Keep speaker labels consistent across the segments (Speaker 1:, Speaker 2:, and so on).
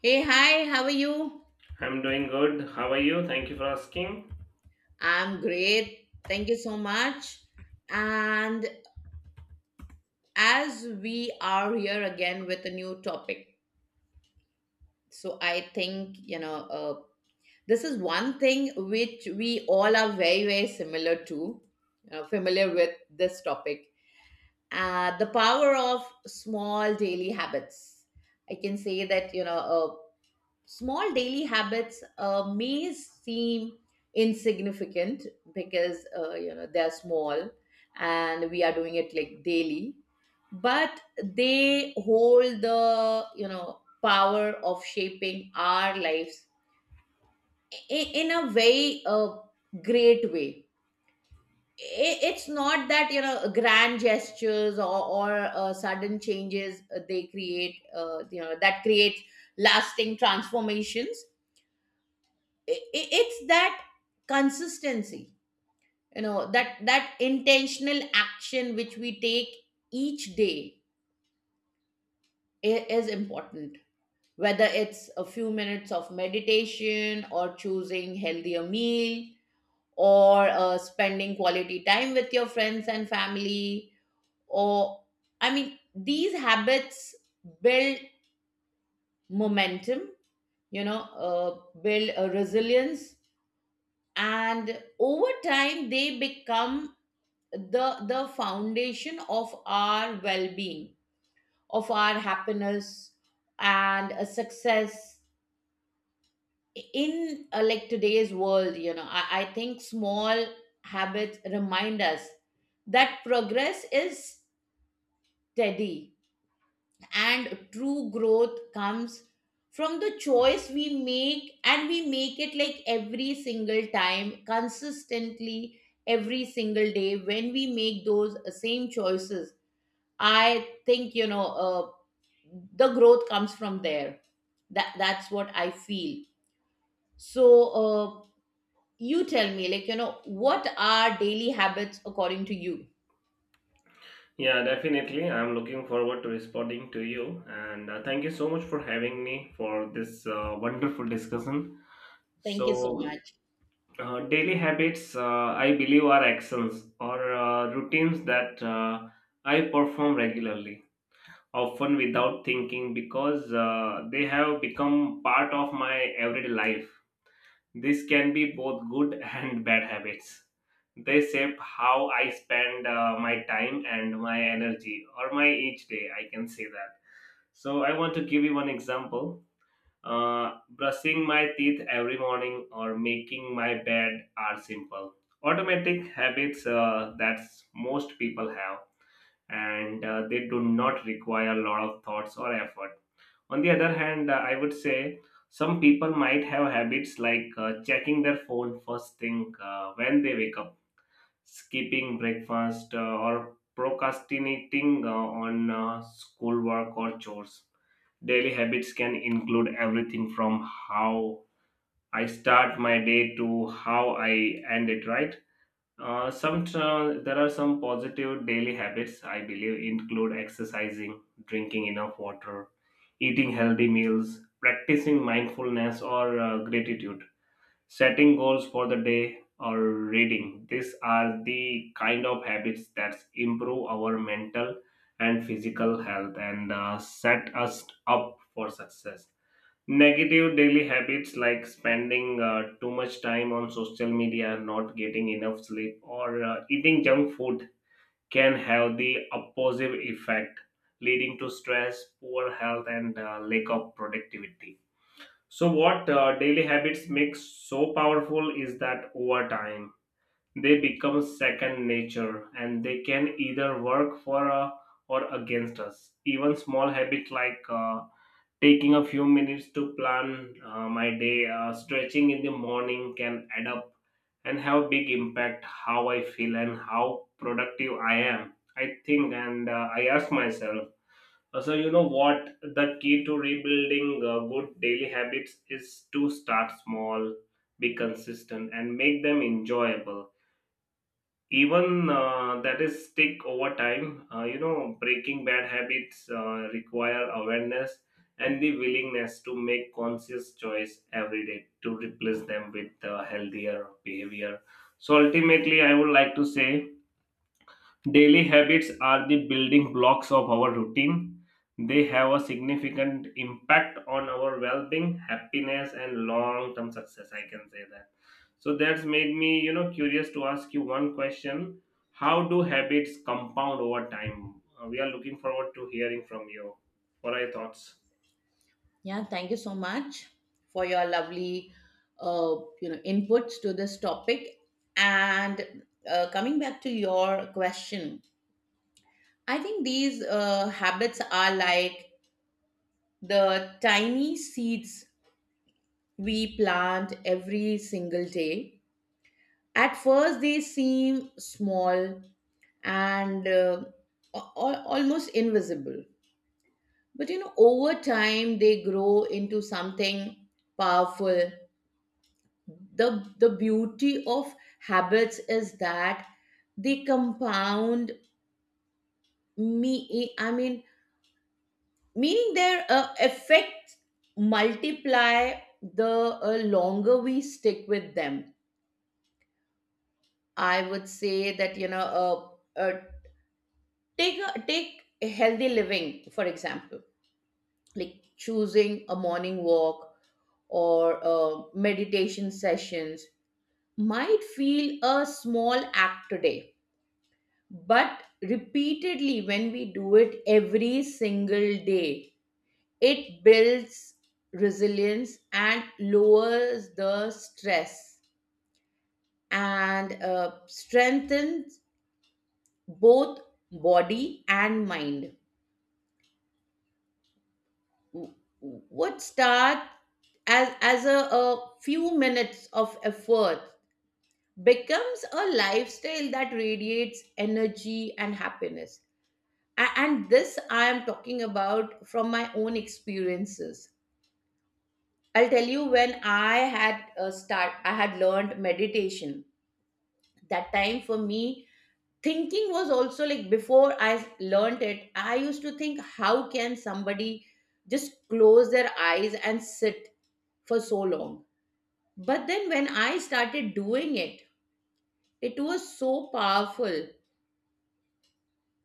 Speaker 1: Hey, hi, how are you?
Speaker 2: I'm doing good. How are you? Thank you for asking.
Speaker 1: I'm great. Thank you so much. And as we are here again with a new topic, so I think, uh, this is one thing which we all are very, very similar to, familiar with this topic. The power of small daily habits. I can say that, small daily habits may seem insignificant because they're small, and we are doing it like daily, but they hold the power of shaping our lives in a very great way. It's not that grand gestures or sudden changes they create, that creates lasting transformations. It's that consistency, that intentional action which we take each day is important. Whether it's a few minutes of meditation, or choosing healthier meal, or spending quality time with your friends and family, or, I mean, these habits build momentum, you know uh, build a resilience, and over time they become the foundation of our well-being, of our happiness, and success in, like, today's world. I think small habits remind us that progress is steady, and true growth comes from the choice we make, and we make it like every single time consistently, every single day, when we make those same choices. I think, the growth comes from there. That's what I feel. So, you tell me, like, what are daily habits according to you?
Speaker 2: Yeah, definitely. I'm looking forward to responding to you. And thank you so much for having me for this wonderful discussion.
Speaker 1: Thank you so
Speaker 2: So,
Speaker 1: much.
Speaker 2: daily habits, I believe, are actions or routines that I perform regularly, often without thinking, because they have become part of my everyday life. This can be both good and bad habits. They shape how I spend my time and my energy, or my each day, I can say that. So, I want to give you one example. Brushing my teeth every morning or making my bed are simple, automatic habits that most people have, and they do not require a lot of thoughts or effort. On the other hand, I would say some people might have habits like checking their phone first thing when they wake up, skipping breakfast, or procrastinating on schoolwork or chores. Daily habits can include everything from how I start my day to how I end it, right? There are some positive daily habits I believe include exercising, drinking enough water, eating healthy meals, practicing mindfulness or gratitude, setting goals for the day, or reading. These are the kind of habits that improve our mental and physical health and set us up for success. Negative daily habits like spending too much time on social media, not getting enough sleep, or eating junk food can have the opposite effect, leading to stress, poor health, and lack of productivity. So, what daily habits make so powerful is that over time they become second nature and they can either work for or against us. Even small habits like taking a few minutes to plan my day, stretching in the morning can add up and have a big impact how I feel and how productive I am, I think. And I ask myself, so you know what the key to rebuilding good daily habits is: to start small, be consistent, and make them enjoyable even that is stick over time. Breaking bad habits require awareness and the willingness to make conscious choice every day to replace them with healthier behavior. So ultimately, I would like to say, daily habits are the building blocks of our routine. They have a significant impact on our well being, happiness, and long term success, I can say that. So that's made me curious to ask you one question: how do habits compound over time? We are looking forward to hearing from you. What are your thoughts?
Speaker 1: Yeah, thank you so much for your lovely, uh, inputs to this topic. And coming back to your question, I think these habits are like the tiny seeds we plant every single day. At first, they seem small and almost invisible. But, you know, over time, they grow into something powerful. The beauty of habits is that they compound, me I mean meaning their effects multiply the longer we stick with them. I would say that, take a healthy living for example. Like choosing a morning walk or meditation sessions might feel a small act today, but repeatedly, when we do it every single day, it builds resilience, and lowers the stress, and strengthens both body and mind. w- would start as a few minutes of effort, becomes a lifestyle that radiates energy and happiness. And this I am talking about from my own experiences. I'll tell you, when I had a start, I had learned meditation. That time for me, thinking was also like, before I learned it, I used to think, how can somebody just close their eyes and sit for so long? But then when I started doing it, it was so powerful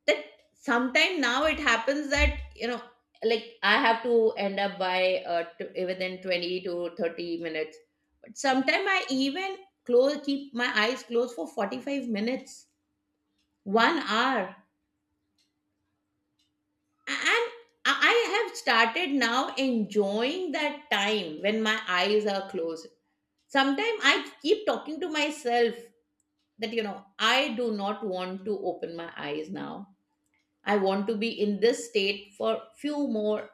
Speaker 1: that sometime now it happens that, you know, like I have to end up by within 20 to 30 minutes. But sometimes I even close, keep my eyes closed for 45 minutes, one hour. And I have started now enjoying that time when my eyes are closed. Sometimes I keep talking to myself that, you know, I do not want to open my eyes now, I want to be in this state for few more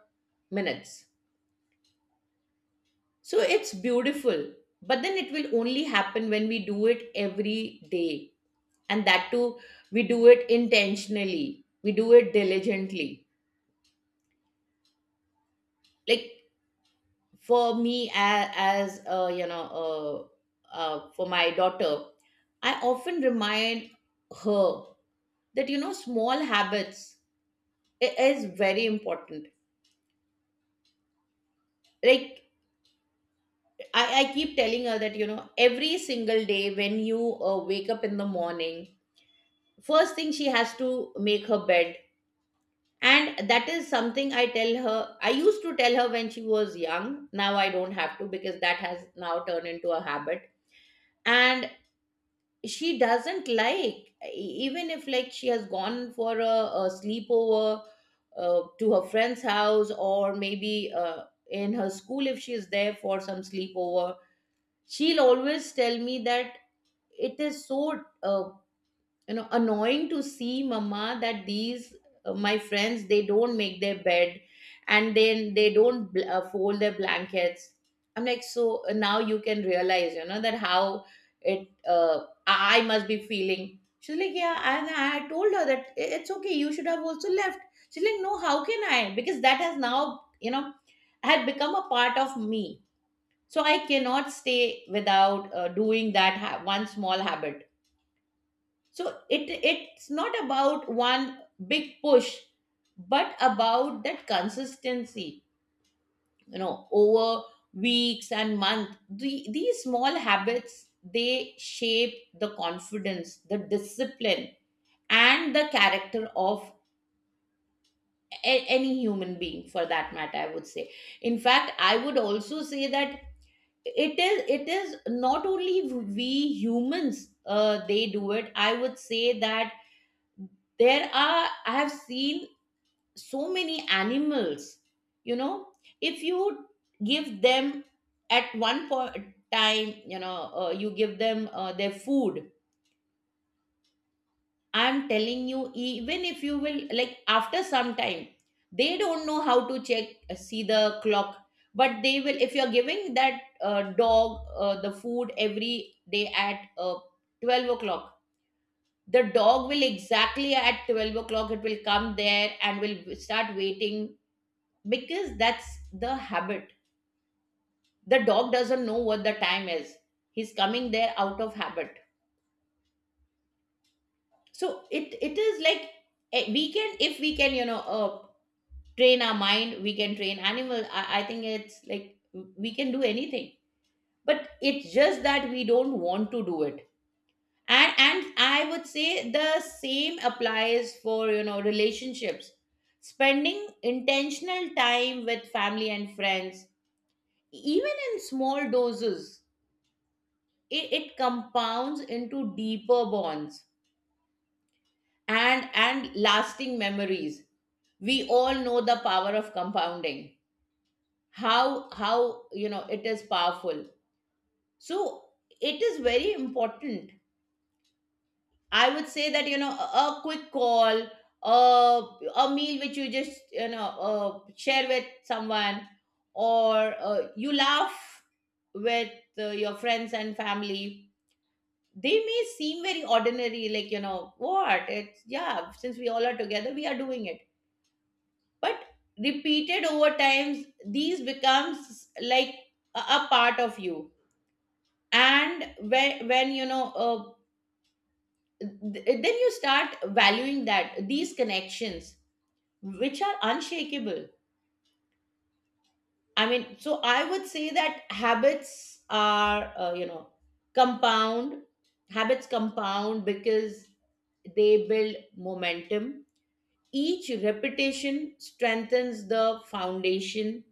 Speaker 1: minutes. So it's beautiful. But then it will only happen when we do it every day, and that too, we do it intentionally, we do it diligently. Like, for me, as you know for my daughter, I often remind her that, you know, small habits is very important. Like, I keep telling her that, you know, every single day when you wake up in the morning, first thing, she has to make her bed. And that is something I tell her, I used to tell her when she was young. Now I don't have to, because that has now turned into a habit. And she doesn't like, e- even if, like, she has gone for a sleepover to her friend's house, or maybe in her school if she is there for some sleepover, she'll always tell me that it is so, annoying to see, mama, that these, my friends, they don't make their bed, and then they don't fold their blankets. I'm like, so, now you can realize, you know, that how it, I must be feeling. She's like, yeah. And I had told her that, It's okay, you should have also left." She's like, no, how can I, because that has now, you know, had become a part of me. So I cannot stay without doing that, one small habit. So it's not about one big push, but about that consistency, you know. Over weeks and months, these small habits, they shape the confidence, the discipline, and the character of, any human being, for that matter, I would say. In fact, I would also say that it is not only we humans, they do it. I would say that, there are, I have seen so many animals, you know, if you give them at one point time, you know, you give them their food. I'm telling you, even if you will, like after some time, they don't know how to check, see the clock. But they will, if you're giving that dog the food every day at 12 o'clock, the dog, will exactly at 12 o'clock, it will come there and will start waiting, because that's the habit. The dog doesn't know what the time is. He's coming there out of habit. So it is like, eh, we can, if we can, you know, train our mind, we can train animals. I think it's like, we can do anything, but it's just that we don't want to do it. And I would say the same applies for, you know, relationships. Spending intentional time with family and friends, even in small doses, it compounds into deeper bonds and lasting memories. We all know the power of compounding, how you know it is powerful. So it is very important, I would say that, you know, a quick call, a meal which you just, you know, share with someone, or you laugh with your friends and family, they may seem very ordinary, like, you know what, it's, yeah, since we all are together, we are doing it. But repeated over times, these becomes like a part of you. And when, you know, then you start valuing that these connections, which are unshakable, I mean. So I would say that habits are, compound, habits compound because they build momentum. Each repetition strengthens the foundation,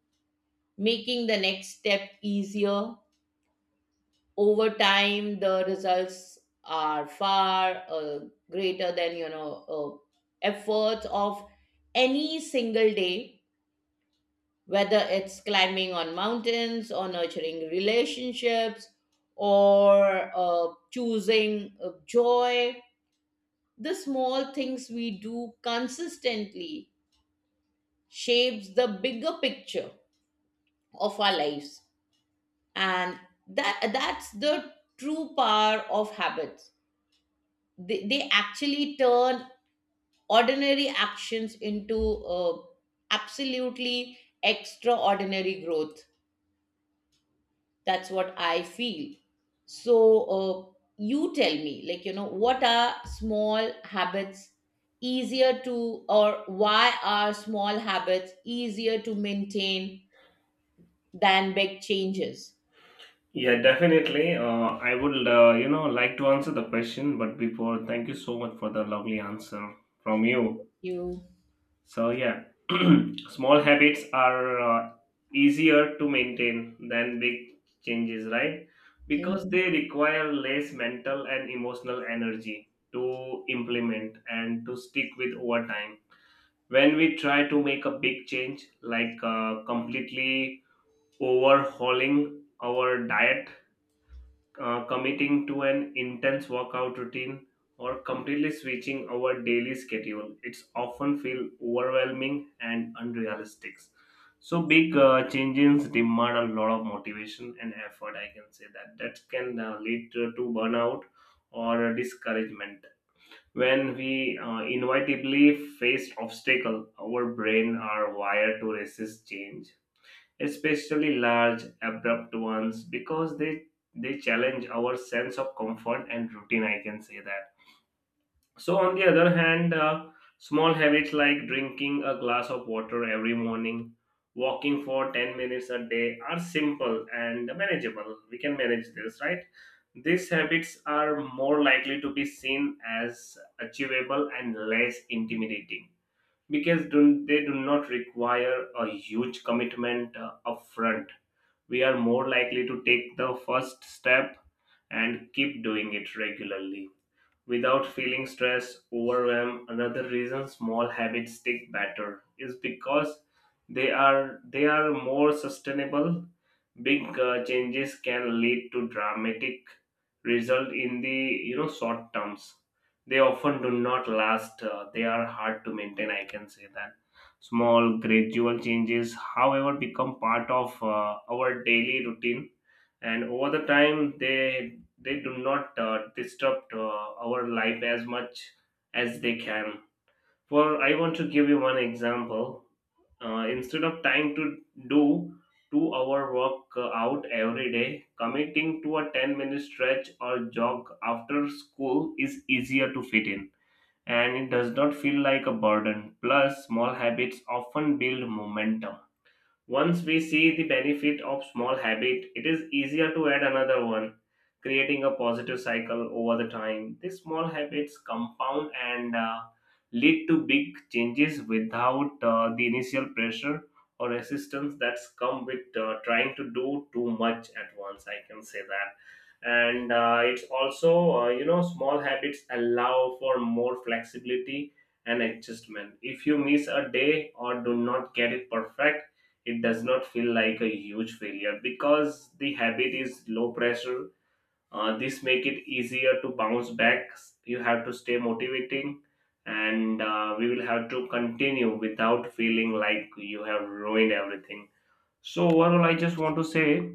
Speaker 1: making the next step easier. Over time the results are far greater than, efforts of any single day. Whether it's climbing on mountains, or nurturing relationships, or choosing joy, the small things we do consistently shapes the bigger picture of our lives. And that's the true power of habits. They actually turn ordinary actions into, uh, absolutely extraordinary growth. That's what I feel. So, uh, you tell me, like, you know, what are small habits easier to or why are small habits easier to maintain than big changes?
Speaker 2: Yeah, definitely. I would like to answer the question, but before, thank you so much for the lovely answer from you.
Speaker 1: You.
Speaker 2: So yeah, small habits are easier to maintain than big changes, right? Because
Speaker 1: Mhm.
Speaker 2: they require less mental and emotional energy to implement and to stick with over time. When we try to make a big change, like completely overhauling our diet, committing to an intense workout routine, or completely switching our daily schedule, it's often feel overwhelming and unrealistic. So big changes demand a lot of motivation and effort, I can say that. That can lead to burnout or discouragement when we inevitably face obstacle. Our brain are wired to resist change, especially large, abrupt ones, because they challenge our sense of comfort and routine, I can say that. So on the other hand, small habits like drinking a glass of water every morning, walking for 10 minutes a day are simple and manageable. We can manage this, right? These habits are more likely to be seen as achievable and less intimidating because they do not require a huge commitment upfront. We are more likely to take the first step and keep doing it regularly without feeling stress, overwhelm. Another reason small habits stick better is because they are more sustainable. Big changes can lead to dramatic result in the short terms. They often do not last, they are hard to maintain, I can say that. Small gradual changes, however, become part of our daily routine, and over the time they do not disrupt our life as much as they can. For I want to give you one example. Instead of trying to do 2-hour work out every day, committing to a 10-minute stretch or jog after school is easier to fit in, and it does not feel like a burden. Plus, small habits often build momentum. Once we see the benefit of small habit, it is easier to add another one, creating a positive cycle over the time. These small habits compound and lead to big changes without the initial pressure or resistance that's come with trying to do too much at once, I can say that. And it's also, small habits allow for more flexibility and adjustment. If you miss a day or do not get it perfect, it does not feel like a huge failure because the habit is low pressure. This make it easier to bounce back. You have to stay motivating, and we will have to continue without feeling like you have ruined everything. So overall, I just want to say,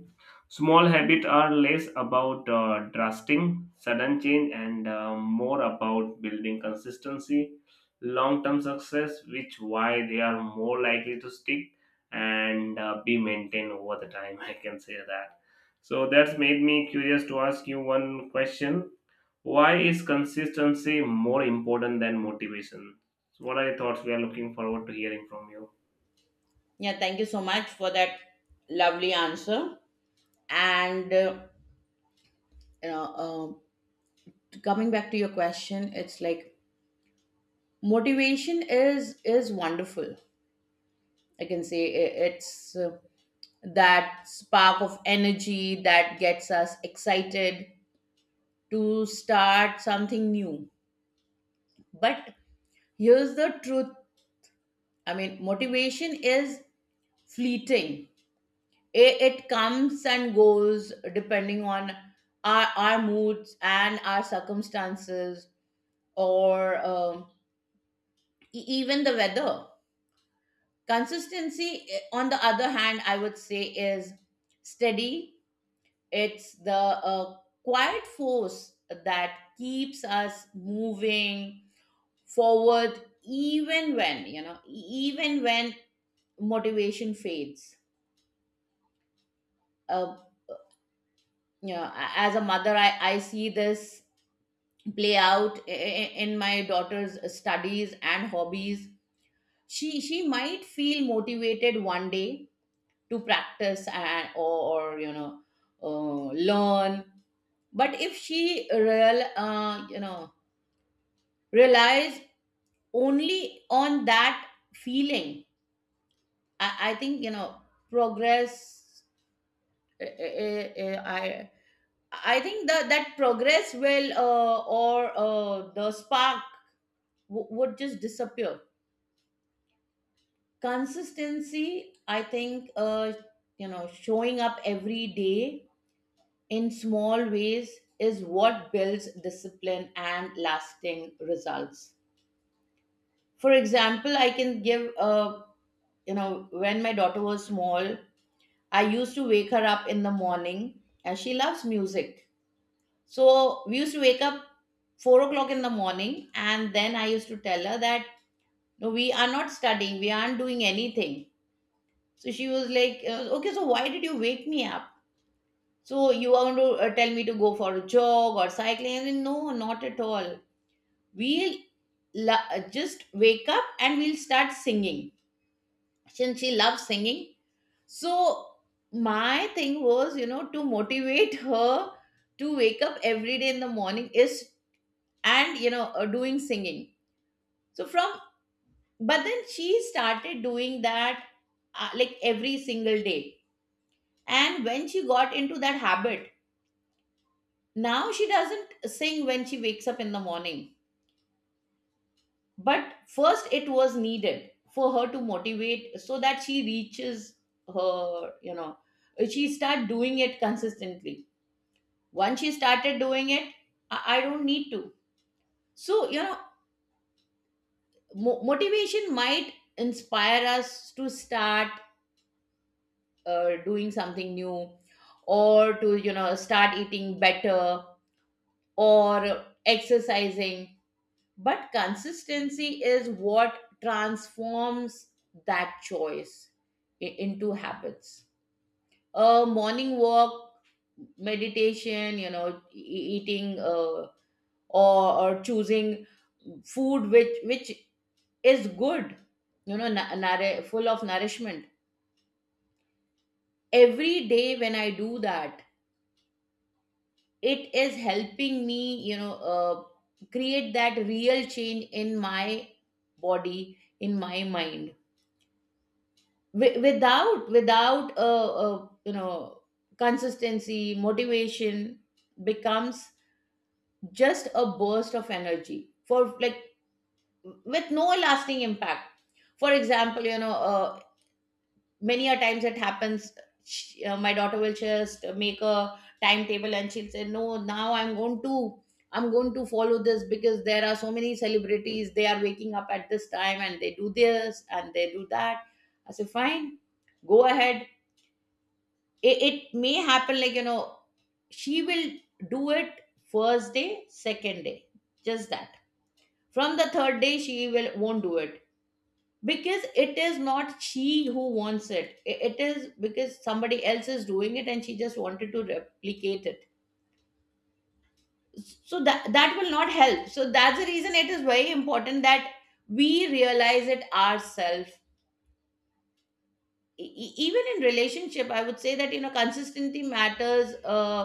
Speaker 2: small habits are less about drastic sudden change and more about building consistency, long-term success, which why they are more likely to stick and be maintained over the time. I can say that. So that's made me curious to ask you one question: why is consistency more important than motivation? So what are your thoughts? We are looking forward to hearing from you.
Speaker 1: Yeah, thank you so much for that lovely answer. And, you know, um, coming back to your question, it's like, motivation is wonderful, I can say. It's that spark of energy that gets us excited to start something new. But here's the truth, I mean, motivation is fleeting. It comes and goes depending on our moods and our circumstances, or, e- even the weather. Consistency, eh, on the other hand, I would say, is steady. It's the quiet force that keeps us moving forward, even when, you know, even when motivation fades. Uh, you know, as a mother, I see this play out in my daughter's studies and hobbies. She might feel motivated one day to practice or learn. But if she real you know relies only on that feeling, I think progress uh, uh, uh, I I think that progress, will or the spark, would just disappear. Consistency, I think, showing up every day in small ways is what builds discipline and lasting results. For example, I can give a, when my daughter was small, I used to wake her up in the morning, and she loves music, so we used to wake up 4 o'clock in the morning. And then I used to tell her that no, we are not studying, we aren't doing anything. So she was like, okay, so why did you wake me up? So you are going to tell me to go for a jog or cycling? I said, no, not at all. We'll just wake up and we'll start singing, since she loves singing. So my thing was, you know, to motivate her to wake up every day in the morning is, and doing singing. So from But then she started doing that like every single day. And when she got into that habit, now she doesn't sing when she wakes up in the morning. But first, it was needed for her to motivate so that she reaches her, you know, she start doing it consistently. Once she started doing it, I don't need to. So, you know, motivation might inspire us to start doing something new, or to, you know, start eating better or exercising. But consistency is what transforms that choice into habits. A morning walk, meditation, you know, eating, or choosing food which is good, you know, full of nourishment. Every day when I do that, it is helping me, create that real change in my body, in my mind. Without a, a, you know, consistency, motivation becomes just a burst of energy for like, with no lasting impact. For example, many a times it happens, my daughter will just make a timetable and she'll say, no, now I'm going to follow this, because there are so many celebrities, they are waking up at this time and they do this and they do that. I say, fine, go ahead. It may happen, like, you know, she will do it first day, second day, just that. From the third day, she will won't do it, because it is not she who wants it. I- it is because somebody else is doing it and she just wanted to replicate it. So that that will not help. So that's the reason it is very important that we realize it ourselves. Even in relationship, I would say that, you know, consistency matters,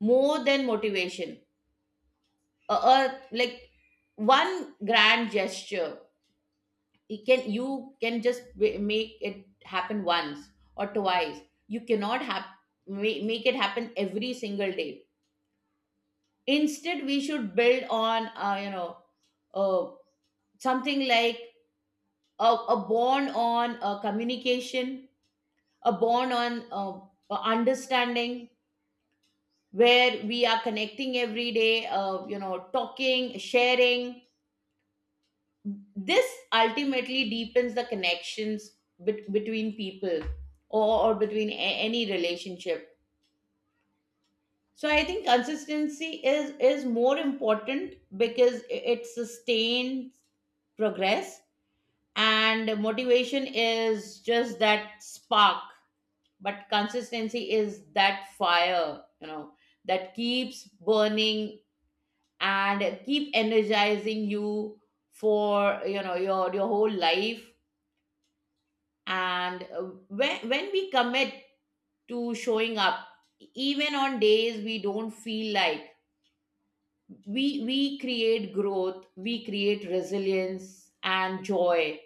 Speaker 1: more than motivation, or like, one grand gesture. It can, you can just make it happen once or twice, you cannot have make it happen every single day. Instead we should build on, uh, something like a, a bond on, communication, a bond on, understanding, where we are connecting every day, talking, sharing. This ultimately deepens the connections between people, or between any relationship. So I think consistency is more important, because it sustains progress. And motivation is just that spark, but consistency is that fire, you know, that keeps burning and keep energizing you for, you know, your whole life. And when we commit to showing up even on days we don't feel like, we create growth, we create resilience and joy.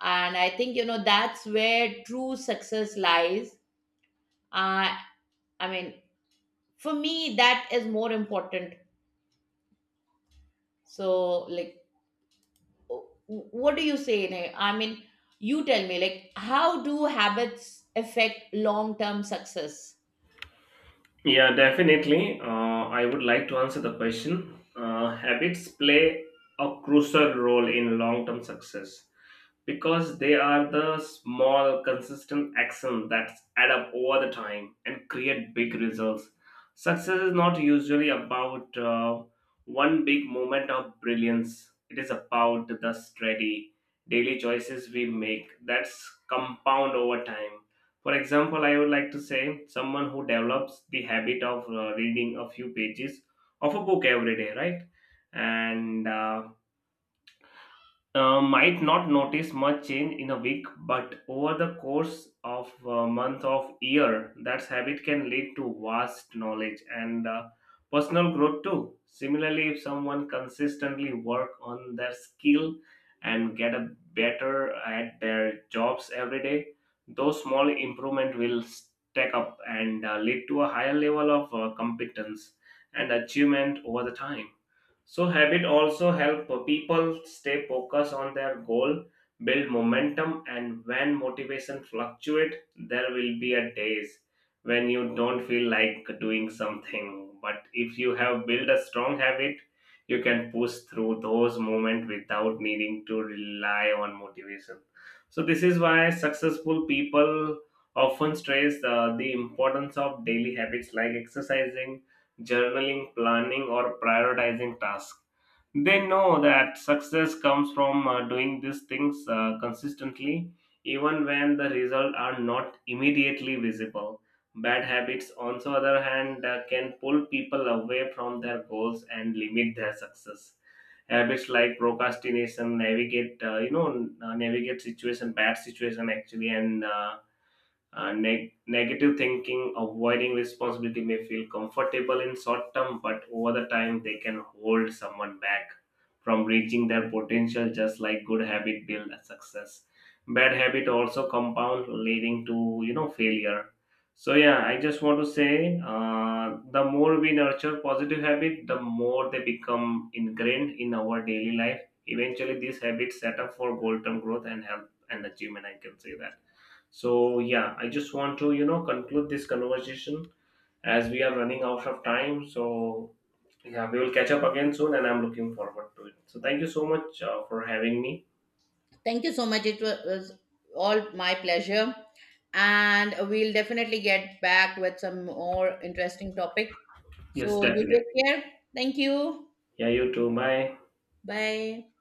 Speaker 1: And I think, you know, that's where true success lies. uh, i mean for me, that is more important. So like, w- what do you say, Neh? I mean, you tell me, like, how do habits affect long term success?
Speaker 2: Yeah, definitely. I would like to answer the question. Habits play a crucial role in long term success because they are the small, consistent actions that add up over the time and create big results. Success is not usually about one big moment of brilliance, it is about the steady, daily choices we make that's compound over time. For example, I would like to say someone who develops the habit of reading a few pages of a book every day, right? And might not notice much change in a week, but over the course of a month of year, that habit can lead to vast knowledge and personal growth too. Similarly, if someone consistently work on their skill and get a better at their jobs every day, those small improvement will stack up and lead to a higher level of competence and achievement over the time. So habit also help people stay focused on their goal, build momentum, and when motivation fluctuate, there will be a days when you don't feel like doing something. But if you have built a strong habit, you can push through those moments without needing to rely on motivation. So this is why successful people often stress the importance of daily habits like exercising, journaling, planning, or prioritizing tasks. They know that success comes from doing these things consistently, even when the results are not immediately visible. Bad habits, on the other hand, can pull people away from their goals and limit their success. Habits like procrastination, navigate, you know, n- navigate situation, bad situation actually, and negative thinking, avoiding responsibility may feel comfortable in short term, but over the time they can hold someone back from reaching their potential. Just like good habit build a success, bad habit also compound, leading to failure. So yeah, I just want to say, the more we nurture positive habit, the more they become ingrained in our daily life. Eventually these habits set up for long term growth and help and achievement, I can say that. So yeah, I just want to conclude this conversation as we are running out of time. So yeah, we will catch up again soon, and I'm looking forward to it. So thank you so much for having me.
Speaker 1: Thank you so much. It was all my pleasure. And we'll definitely get back with some more interesting topic.
Speaker 2: Yes,
Speaker 1: So you
Speaker 2: definitely.
Speaker 1: take care. Thank you.
Speaker 2: Yeah, you too. Bye.
Speaker 1: Bye.